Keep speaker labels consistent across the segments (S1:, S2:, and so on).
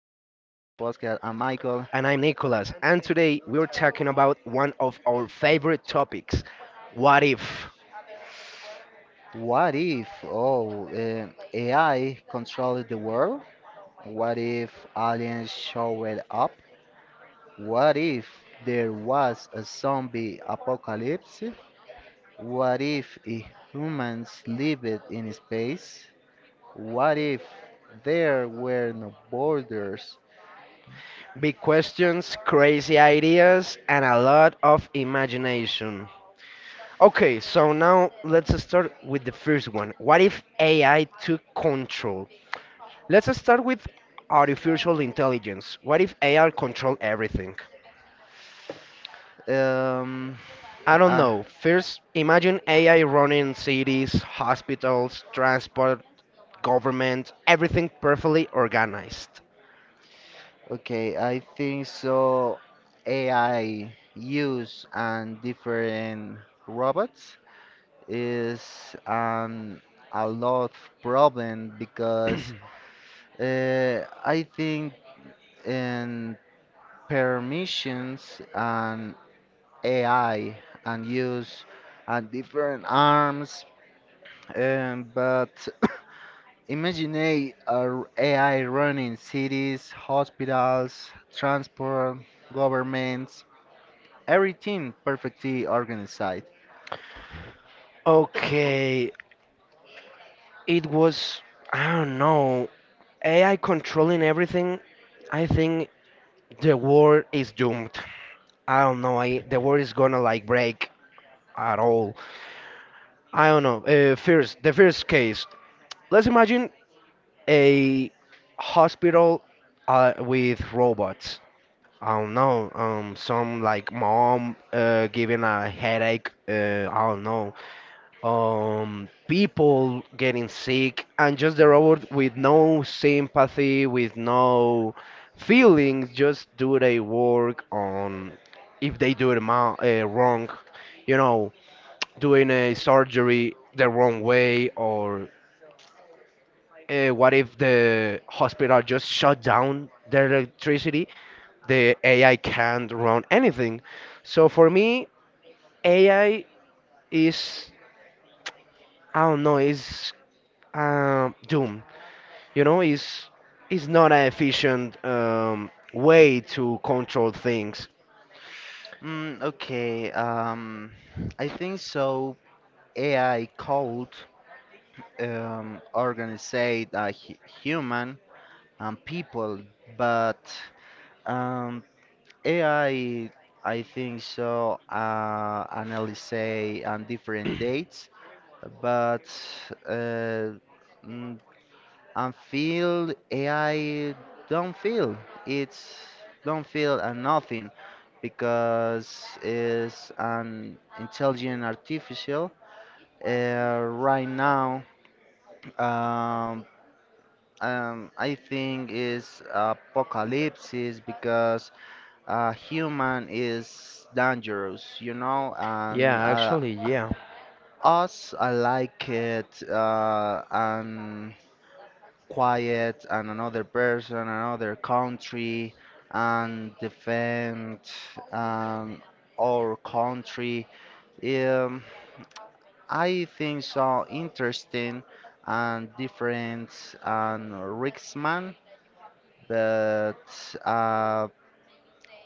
S1: Michael.
S2: And I'm Nicholas, and today we're talking about one of our favorite topics, what if?
S1: What if, AI controlled the world? What if aliens showed up? What if there was a zombie apocalypse? What if humans lived in space? What if there were no borders?
S2: Big questions, crazy ideas, and a lot of imagination. Okay, so now let's start with the first one. What if AI took control? Let's start with artificial intelligence. What if AI controlled everything?
S1: Um,
S2: I don't
S1: ah,
S2: know. First, imagine AI running cities, hospitals, transport, government, everything perfectly organized.
S1: Okay, I think so. AI use and different robots is an a lot of problem because I think in permissions and AI and use and different arms, but Imagine a AI running cities, hospitals, transport, governments, everything perfectly organized.
S2: Okay, it was, I don't know, AI controlling everything. I think the world is doomed. I don't know, the world is gonna like break at all. I don't know. The first case. Let's imagine a hospital with robots. I don't know, some like mom giving a headache. I don't know. People getting sick, and just the robot with no sympathy, with no feelings, just do their work on if they do it wrong, you know, doing a surgery the wrong way, or what if the hospital just shut down their electricity? The AI can't run anything. So for me, AI is, I don't know, is doom. You know, is not an efficient way to control things.
S1: Okay, I think so. AI called organized human and people, but um, AI, I think so, analyze on different dates, but uh, mm, and feel AI don't feel it's don't feel and nothing because it's an intelligent artificial right now, um, I think is apocalypse because a human is dangerous, you know,
S2: Yeah,
S1: and
S2: actually, yeah.
S1: us I like it, and quiet and another person, another country, and defend um, our country. Um, I think so interesting and different and Ricksman, but uh,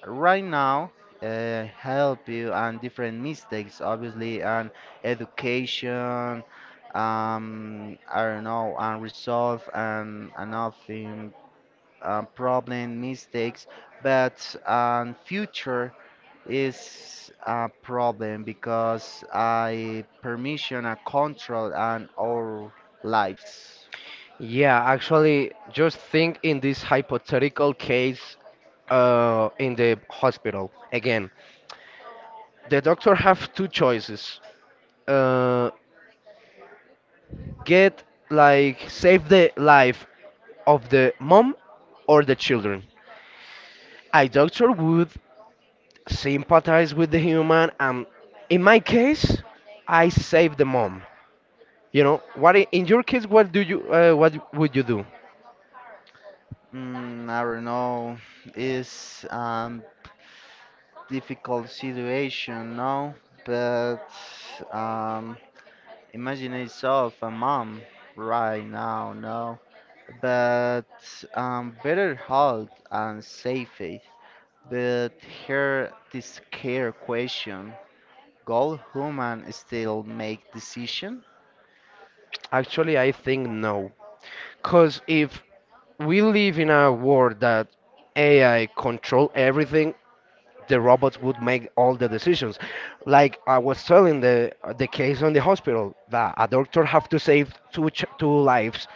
S1: right now help you and different mistakes, obviously, and education. I don't know, and resolve and another problem, mistakes, but future is a problem because I permission and control on our lives.
S2: Yeah, actually, just think in this hypothetical case in the hospital. Again, the doctor have two choices. Uh, get like save the life of the mom or the children. A doctor would sympathize with the human, and in my case, I save the mom. You know, in your case, what would you do?
S1: I don't know. It's difficult situation, no? But um, imagine yourself a mom right now, no? But better health and safety. But here this care question. Goal human still make decision?
S2: Actually, I think no, because if we live in a world that AI control everything, the robots would make all the decisions. Like I was telling the case on the hospital, that a doctor have to save two lives,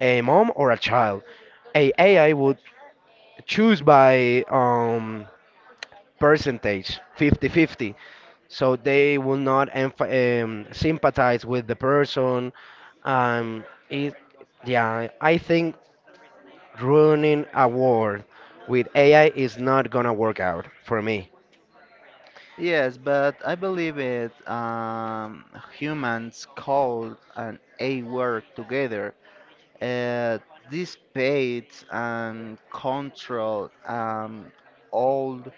S2: a mom or a child. A AI would choose by percentage, 50-50. So they will not sympathize with the person. Um, it, yeah, I think ruining a world with AI is not gonna work out for me.
S1: Yes, but I believe it, humans call and A work together. Uh, this pates and control old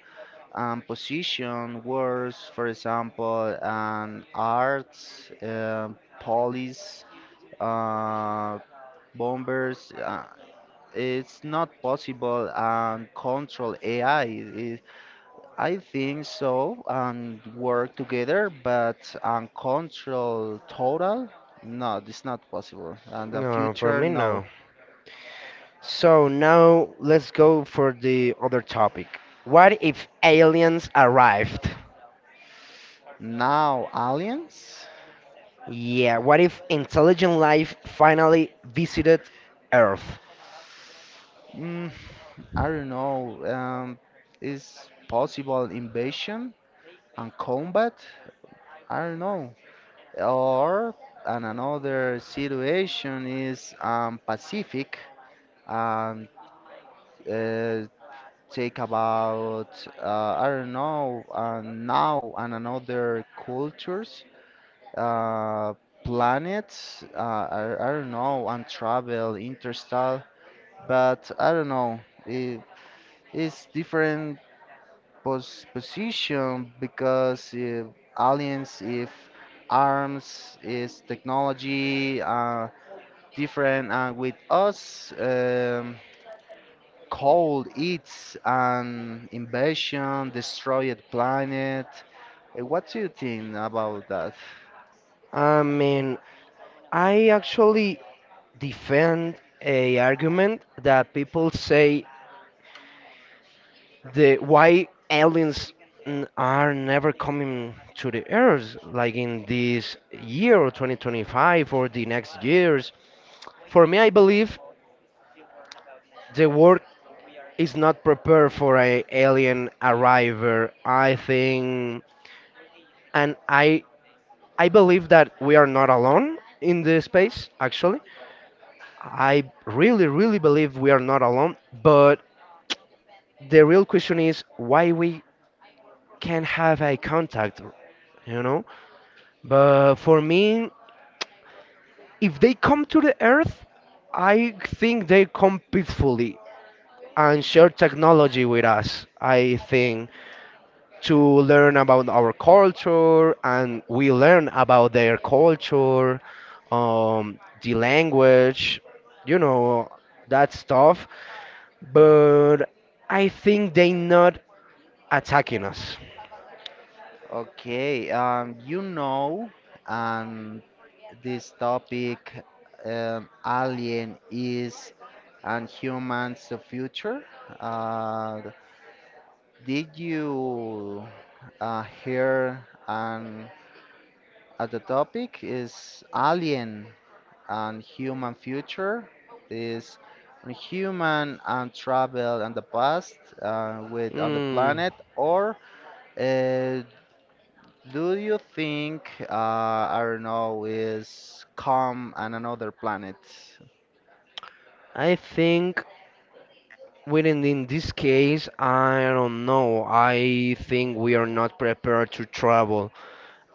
S1: position words, for example, and arts, police, uh, bombers. It's not possible and control AI. I think so and work together, but and control total, no, it's not possible. And the
S2: No, for
S1: future,
S2: me, no.
S1: no.
S2: So now let's go for the other topic. What if aliens arrived?
S1: Now aliens?
S2: Yeah, what if intelligent life finally visited Earth?
S1: Mm, I don't know. Is possible invasion and combat? I don't know. Or and another situation is Pacific and uh, take about, I don't know, now and another cultures, uh, planets. I don't know and travel interstellar, but I don't know. It, it's different position because aliens if arms is technology different and with us. Cold, it's an invasion, destroyed planet. What do you think about that?
S2: I mean, I actually defend a argument that people say the why aliens are never coming to the earth, like in this year or 2025 or the next years. For me, I believe the world is not prepared for a alien arrival, I think. And I believe that we are not alone in the space, actually. I really really believe we are not alone. But the real question is why we can't have eye contact, you know? But for me, if they come to the Earth, I think they come peacefully and share technology with us, I think, to learn about our culture and we learn about their culture, the language, you know, that stuff. But I think they not attacking us.
S1: Okay, you know, and this topic, alien is and humans the future. Uh, did you hear the topic is alien and human future is on human and travel and the past with on the
S2: Mm.
S1: planet or uh, do you think I don't know is come on another planet.
S2: I think within in this case, I don't know. I think we are not prepared to travel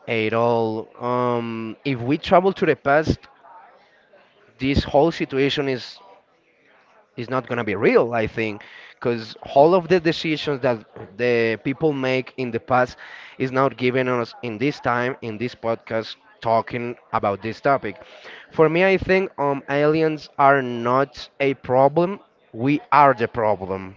S2: at all. If we travel to the past, this whole situation is not gonna be real, I think, because all of the decisions that the people make in the past is not given us in this time in this podcast talking about this topic. For me, I think aliens are not a problem. We are the problem.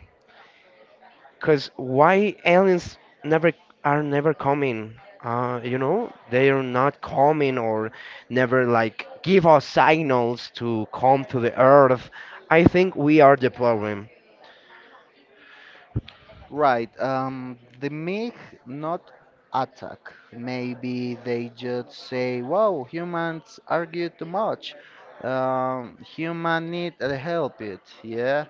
S2: Cause why aliens never are never coming? They are not coming or never like give us signals to come to the Earth. I think we are the problem.
S1: Right. The MiG not attack. Maybe they just say, "Wow, humans argue too much. Human need help." It. Yeah,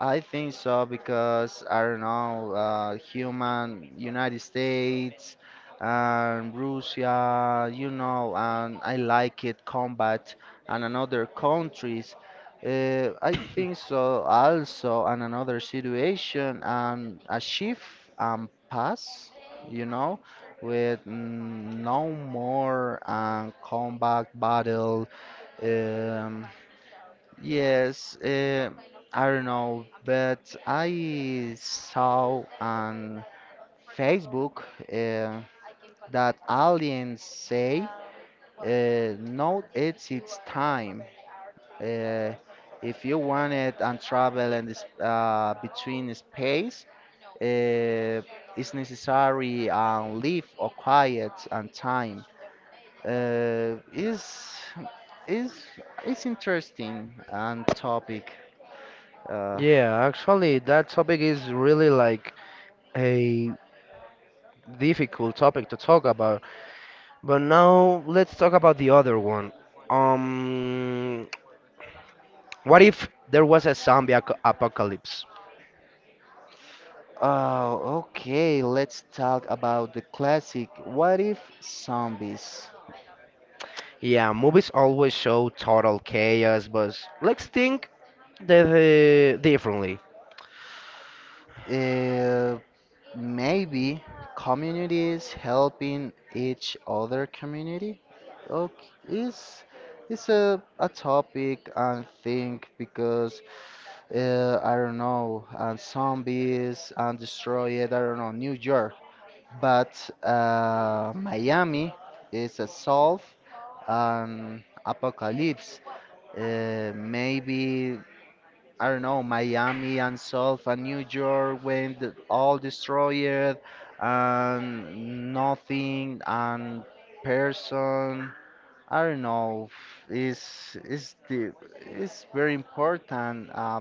S1: I think so because I don't know. Human United States and Russia, you know, and I like it combat and another countries, I think so also and another situation, a shift and pass, you know, with no more combat battle. um, yes uh, I don't know, but I saw on Facebook uh, that aliens say now it's its time. uh, if you wanted and travel and this between space, uh, it's necessary and leave or quiet and time. Uh, is is is interesting and topic. Uh,
S2: Yeah, actually, that topic is really like a difficult topic to talk about. But now let's talk about the other one. Um, what if there was a zombie ac apocalypse?
S1: oh, okay. Let's talk about the classic. What if zombies?
S2: Yeah, movies always show total chaos, but let's think the differently.
S1: Uh, Maybe communities helping each other community? Okay, is a topic and think because I don't know and zombies and destroy it. I don't know New York, but Miami is a solve an apocalypse. Maybe I don't know, Miami and South and New York when the, all destroyed and nothing and person. I don't know. Is is the is very important,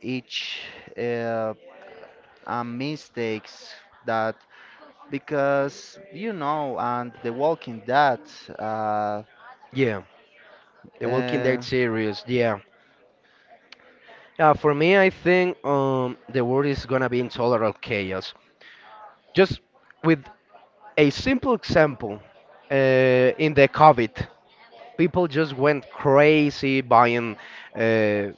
S1: each uh, mistakes that because you know and the Walking Dead. Uh,
S2: Yeah. The Walking
S1: uh,
S2: Dead series. Yeah. For me, I think the world is gonna be in total chaos. Just with a simple example, uh, in the COVID, people just went crazy buying uh,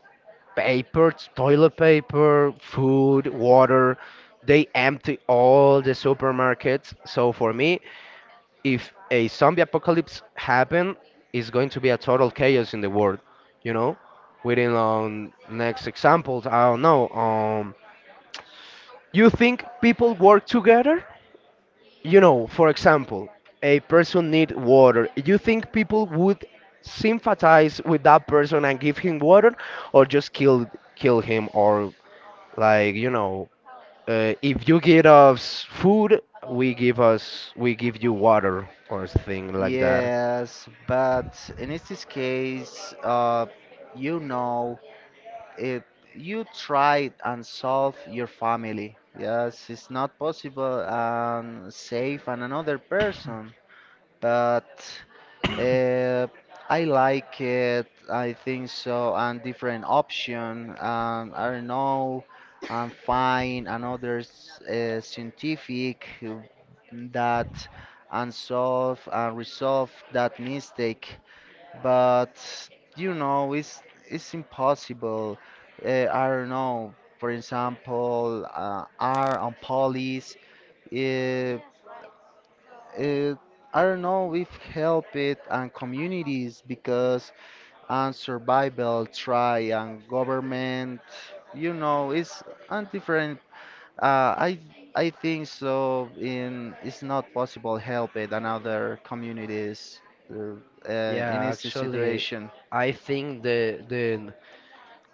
S2: paper, toilet paper, food, water. They empty all the supermarkets. So for me, if a zombie apocalypse happen, it's going to be a total chaos in the world. You know, within next examples, I don't know. You think people work together? You know, for example, a person need water. You think people would sympathize with that person and give him water, or just kill him, or like if you give us food, we give us we give you water or something like that.
S1: Yes, but in this case, you know, it, you tried and solve your family. Yes, it's not possible and save an another person, but uh, I like it. I think so, and different option. I don't know. I'm fine. Another scientific that unsolve and resolve that mistake. But you know, it's impossible. I don't know. For example, R and police. uh, it, I don't know, if help it and communities because and survival try and government, you know, it's and different. Uh, I I think so. In it's not possible help it and other communities, uh, in
S2: Yeah,
S1: this
S2: actually,
S1: situation.
S2: I think the the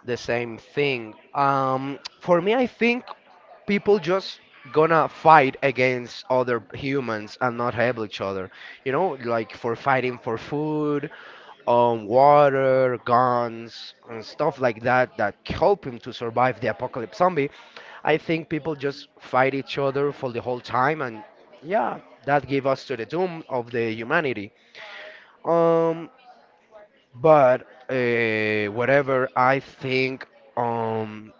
S2: the same thing. For me, I think people just gonna fight against other humans and not help each other. You know, like for fighting for food, water, guns, and stuff like that help him to survive the apocalypse zombie. I think people just fight each other for the whole time, and yeah, that gave us to the doom of the humanity. Um, but whatever I think um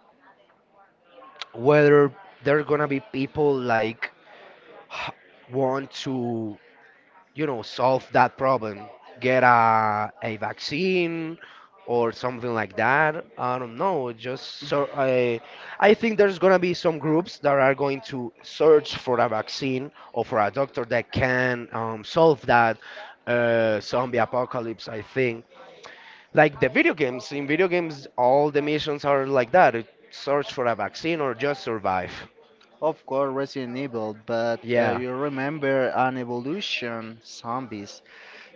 S2: whether there are gonna be people like h- want to solve that problem, get a vaccine or something like that. I don't know. Just so I think there's gonna be some groups that are going to search for a vaccine or for a doctor that can solve that zombie apocalypse. I think. Like the video games. In video games, all the missions are like that. Search for a vaccine or just survive.
S1: Of course, Resident Evil, but
S2: Yeah.
S1: you remember an evolution zombies.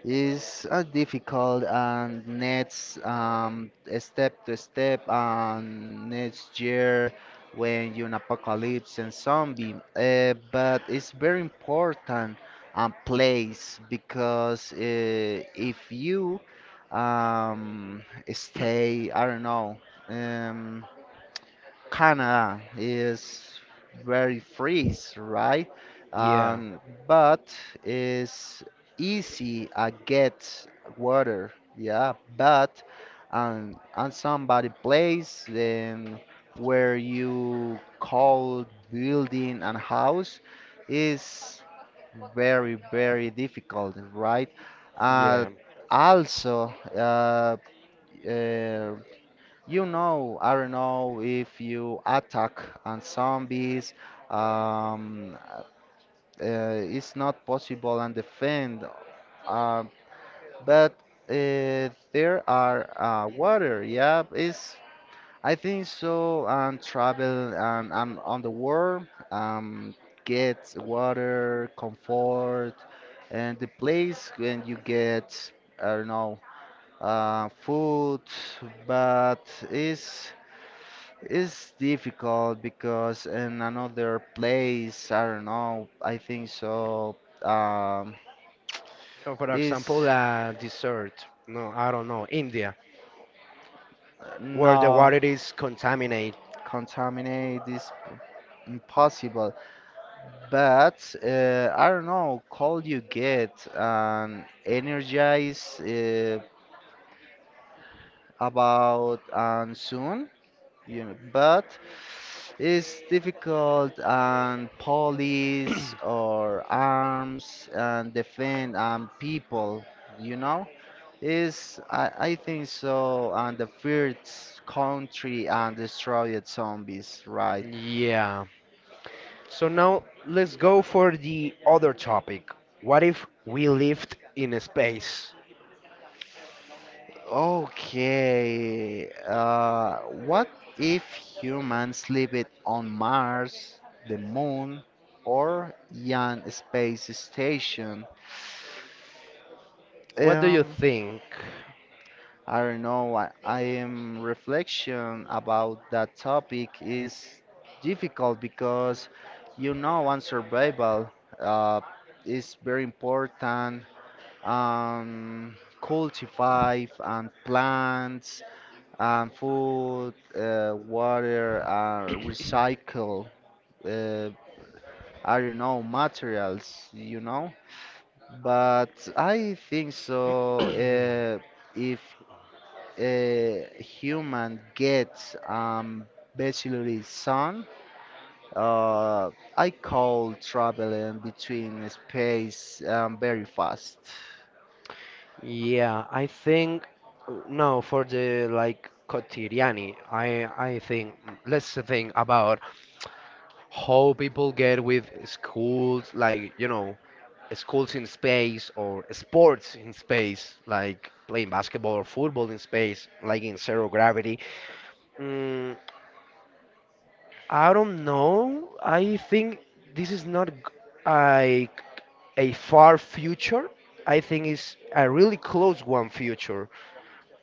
S1: Is difficult and next step to step and next year when you're an apocalypse and zombie, but it's very important place because if you um, stay, I don't know, um, Canada is very freeze, right?
S2: Yeah.
S1: Um, but it's easy I get water, yeah. But on somebody place then where you call building and house is very difficult, right? Uh,
S2: Yeah.
S1: also, uh, you know, I don't know if you attack on zombies, um, uh, it's not possible and defend. Uh, but there are water, yeah, it's I think so. And travel on the world, get water, comfort, and the place when you get I don't know food, but it's difficult because in another place, I don't know, I think so. Um,
S2: For
S1: is
S2: example, dessert. No, I don't know. India, where the
S1: no
S2: water is contaminated.
S1: contaminate is impossible. But I don't know, cold you get and energize about and soon. You know, but it's difficult and police or arms and defend and people, you know, is I think so and the first country and destroyed zombies, right?
S2: Yeah. So now let's go for the other topic. What if we lived in space?
S1: Okay, what if humans lived on Mars, the moon, or Yan space station?
S2: What do you
S1: Um,
S2: think?
S1: I don't know. I am reflection about that topic is difficult because you know, on survival, uh, is very important. Um, cultivate and plants and food, water, recycle. Uh, I don't know materials. You know, but I think so. If a human gets basically sun, uh I call traveling between space, very fast,
S2: Yeah, I think no for the like quotidiani. I think let's think about how people get with schools like schools in space or sports in space like playing basketball or football in space like in zero gravity. Mm, I don't know. I think this is not like a far future. I think it's a really close one future.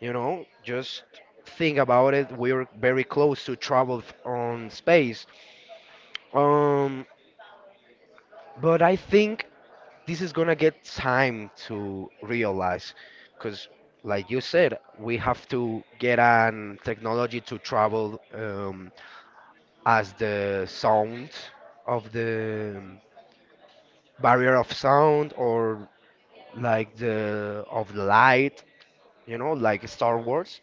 S2: You know, just think about it. We're very close to travel on space. Um, but I think this is gonna get time to realize, because like you said, we have to get an technology to travel as the sound of the barrier of sound or like the of the light, you know, like Star Wars.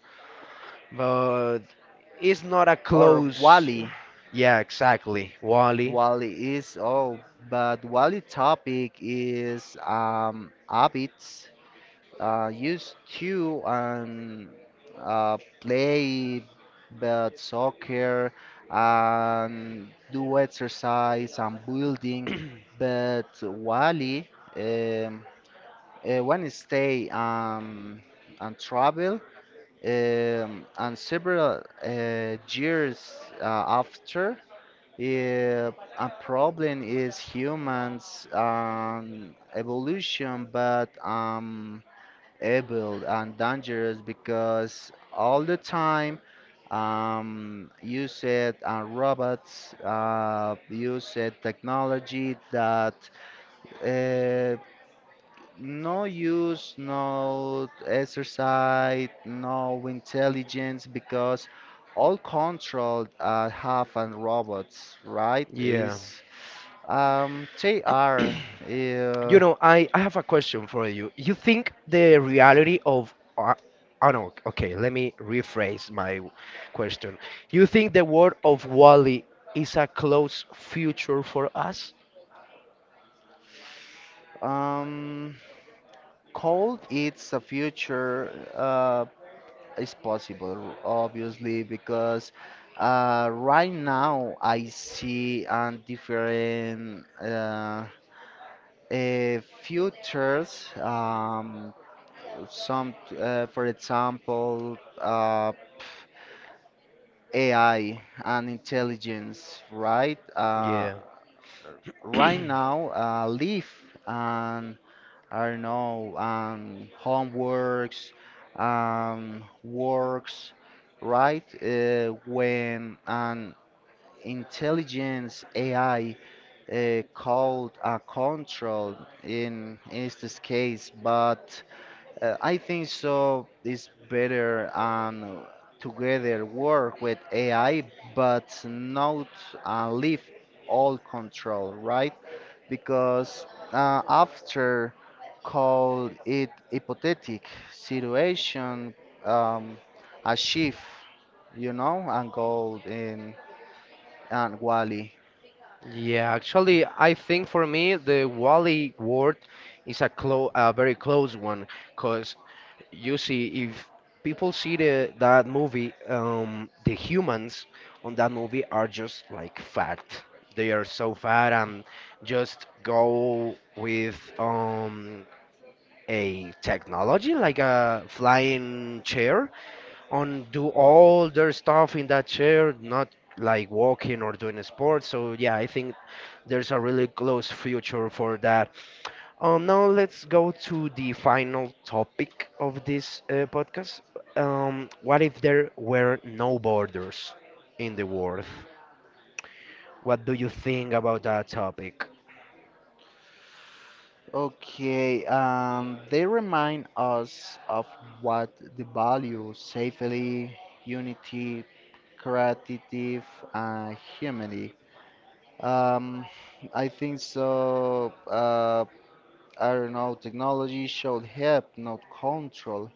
S2: But it's not a
S1: or
S2: close.
S1: wally.
S2: Yeah, exactly. Wally.
S1: Wally is oh but wally topic is habits. Used to play but soccer and do exercise and building, but Wally, um, when stay, and travel, and several years after. Uh, a problem is humans evolution, but able and dangerous because all the time use it and robots, use it technology that uh, no use, no exercise, no intelligence because all controlled have and robots, right?
S2: Yeah.
S1: Is they are
S2: You
S1: uh,
S2: know, I have a question for you. You think the reality of oh no, okay, let me rephrase my question. You think the world of Wally is a close future for us?
S1: um, coal, it's a future, is possible, obviously, because right now I see different futures. Some, for example, AI and intelligence, right?
S2: Yeah.
S1: Right now, live. And I don't know, homeworks, works, right? When an intelligence AI, called a control in is this case, but I think so. It's better together work with AI, but not leave all control, right? Because after call it hypothetic situation, um, a shift, you know, and gold in and Wally.
S2: Yeah, actually, I think for me the Wally word is a very close one, cause you see, if people see the that movie, the humans on that movie are just like fat. They are so fat and just go with a technology like a flying chair on do all their stuff in that chair, not like walking or doing sports. So yeah, I think there's a really close future for that. Now let's go to the final topic of this podcast. What if there were no borders in the world? What do you think about that topic?
S1: Okay, they remind us of what the value safely, unity, creative and humanity. Um, I think so. I don't know. Technology should help, not control.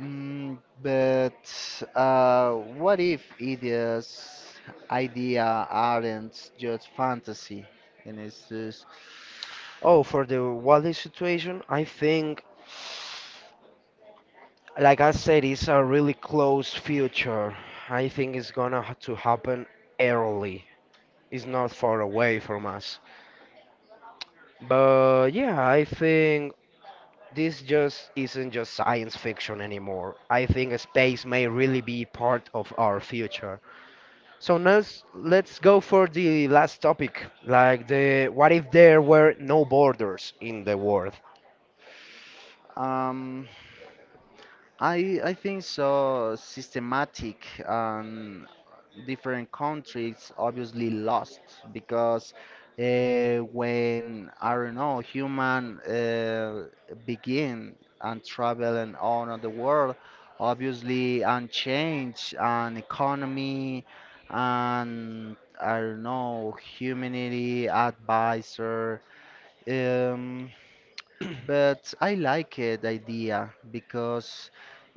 S1: But what if idea aren't just fantasy, and it's just,
S2: Oh, for the Wally situation, I think. Like I said, it's a really close future. I think it's gonna to happen early. It's not far away from us. But yeah, I think this just isn't just science fiction anymore. I think space may really be part of our future. So now let's go for the last topic, like the what if there were no borders in the world?
S1: um, I think so systematic and different countries, obviously lost, because when I don't know human begin and travel and all around the world, obviously and change and economy and I don't know humanity advisor, um, but I like it idea because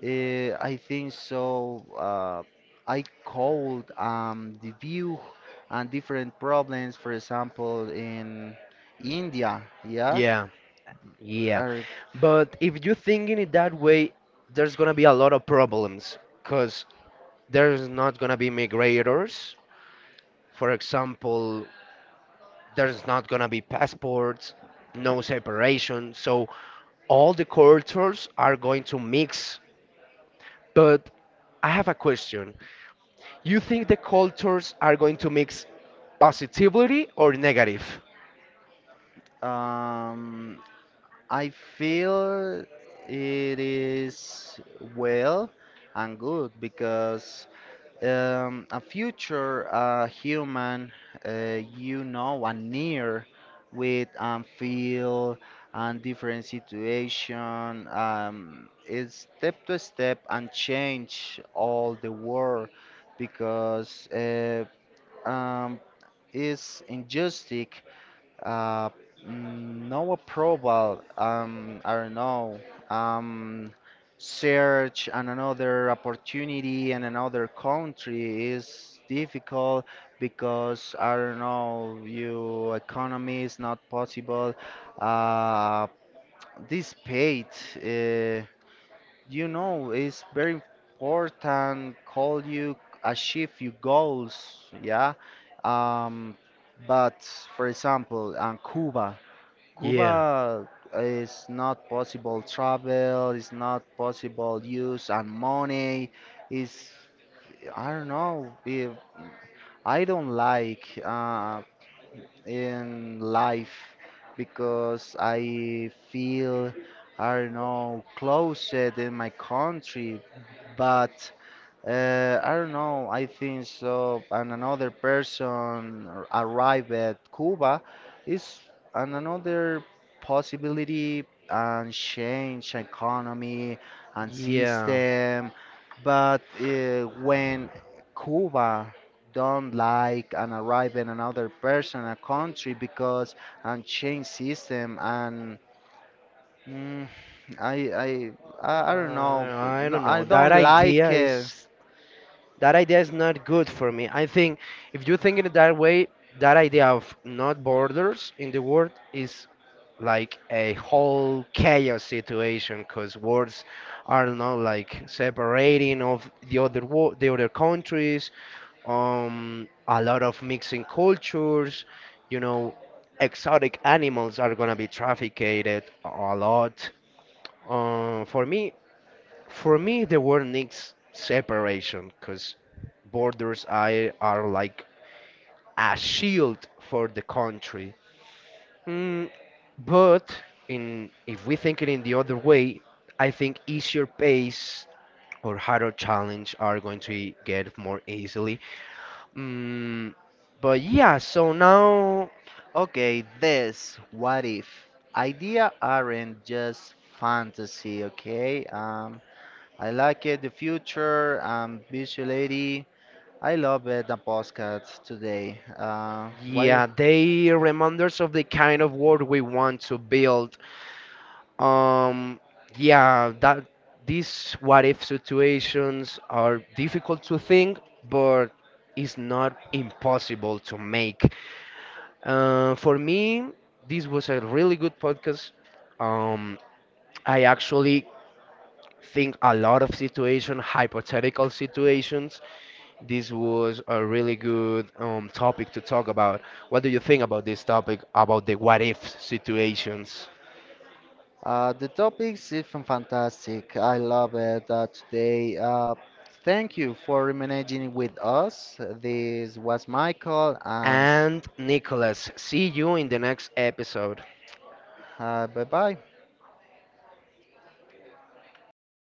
S1: I think so. I called the view and different problems, for example, in India. Yeah,
S2: Yeah. Yeah,
S1: Are-
S2: but if you think in it that way, there's gonna be a lot of problems, cause there's not gonna be migrators. For example, there's not gonna be passports, no separation. So all the cultures are going to mix. But I have a question. You think the cultures are going to mix positively or negative?
S1: um, I feel it is well and good because a future human, you know, and near with feel and different situation, is step to step and change all the world because um, is injustice, uh, no approval. I don't know. Um, search and another opportunity in another country is difficult because I don't know. Your economy is not possible. Uh, this paid, uh, you know, is very important. Call you achieve your goals. Yeah. Um, but for example, on Cuba.
S2: Yeah,
S1: Cuba is not possible travel, it's not possible use and money. Is I don't know. If I don't like in life because I feel I don't know closer in my country, but I don't know. I think so. And another person arrived at Cuba is an another possibility and change economy and
S2: yeah.
S1: system. But when Cuba don't like and arrive in another person, a country because and change system and, mm, I, I I don't know.
S2: I
S1: No,
S2: don't know.
S1: I don't like it.
S2: That idea is not good for me. I think if you think in that way, that idea of not borders in the world is like a whole chaos situation because words are not like separating of the other the other countries, a lot of mixing cultures, you know exotic animals are gonna be trafficked a lot, for me, the word needs separation because borders I are like a shield for the country. Mm, but in if we think it in the other way, I think easier pace or harder challenge are going to get more easily. Mm, but yeah, so now,
S1: Okay, this what if idea aren't just fantasy, okay? I like it, the future, visuality. I love it, the podcast today. What you?
S2: yeah, they reminders of the kind of world we want to build. Um, yeah, that these what if situations are difficult to think, but it's not impossible to make. For me, this was a really good podcast. Um, I actually think a lot of situation, hypothetical situations. This was a really good topic to talk about. What do you think about this topic, about the what if situations?
S1: The topics is fantastic. I love it today. Thank you for remaining with us. This was Michael and.
S2: And Nicholas. See you in the next episode.
S1: Bye bye.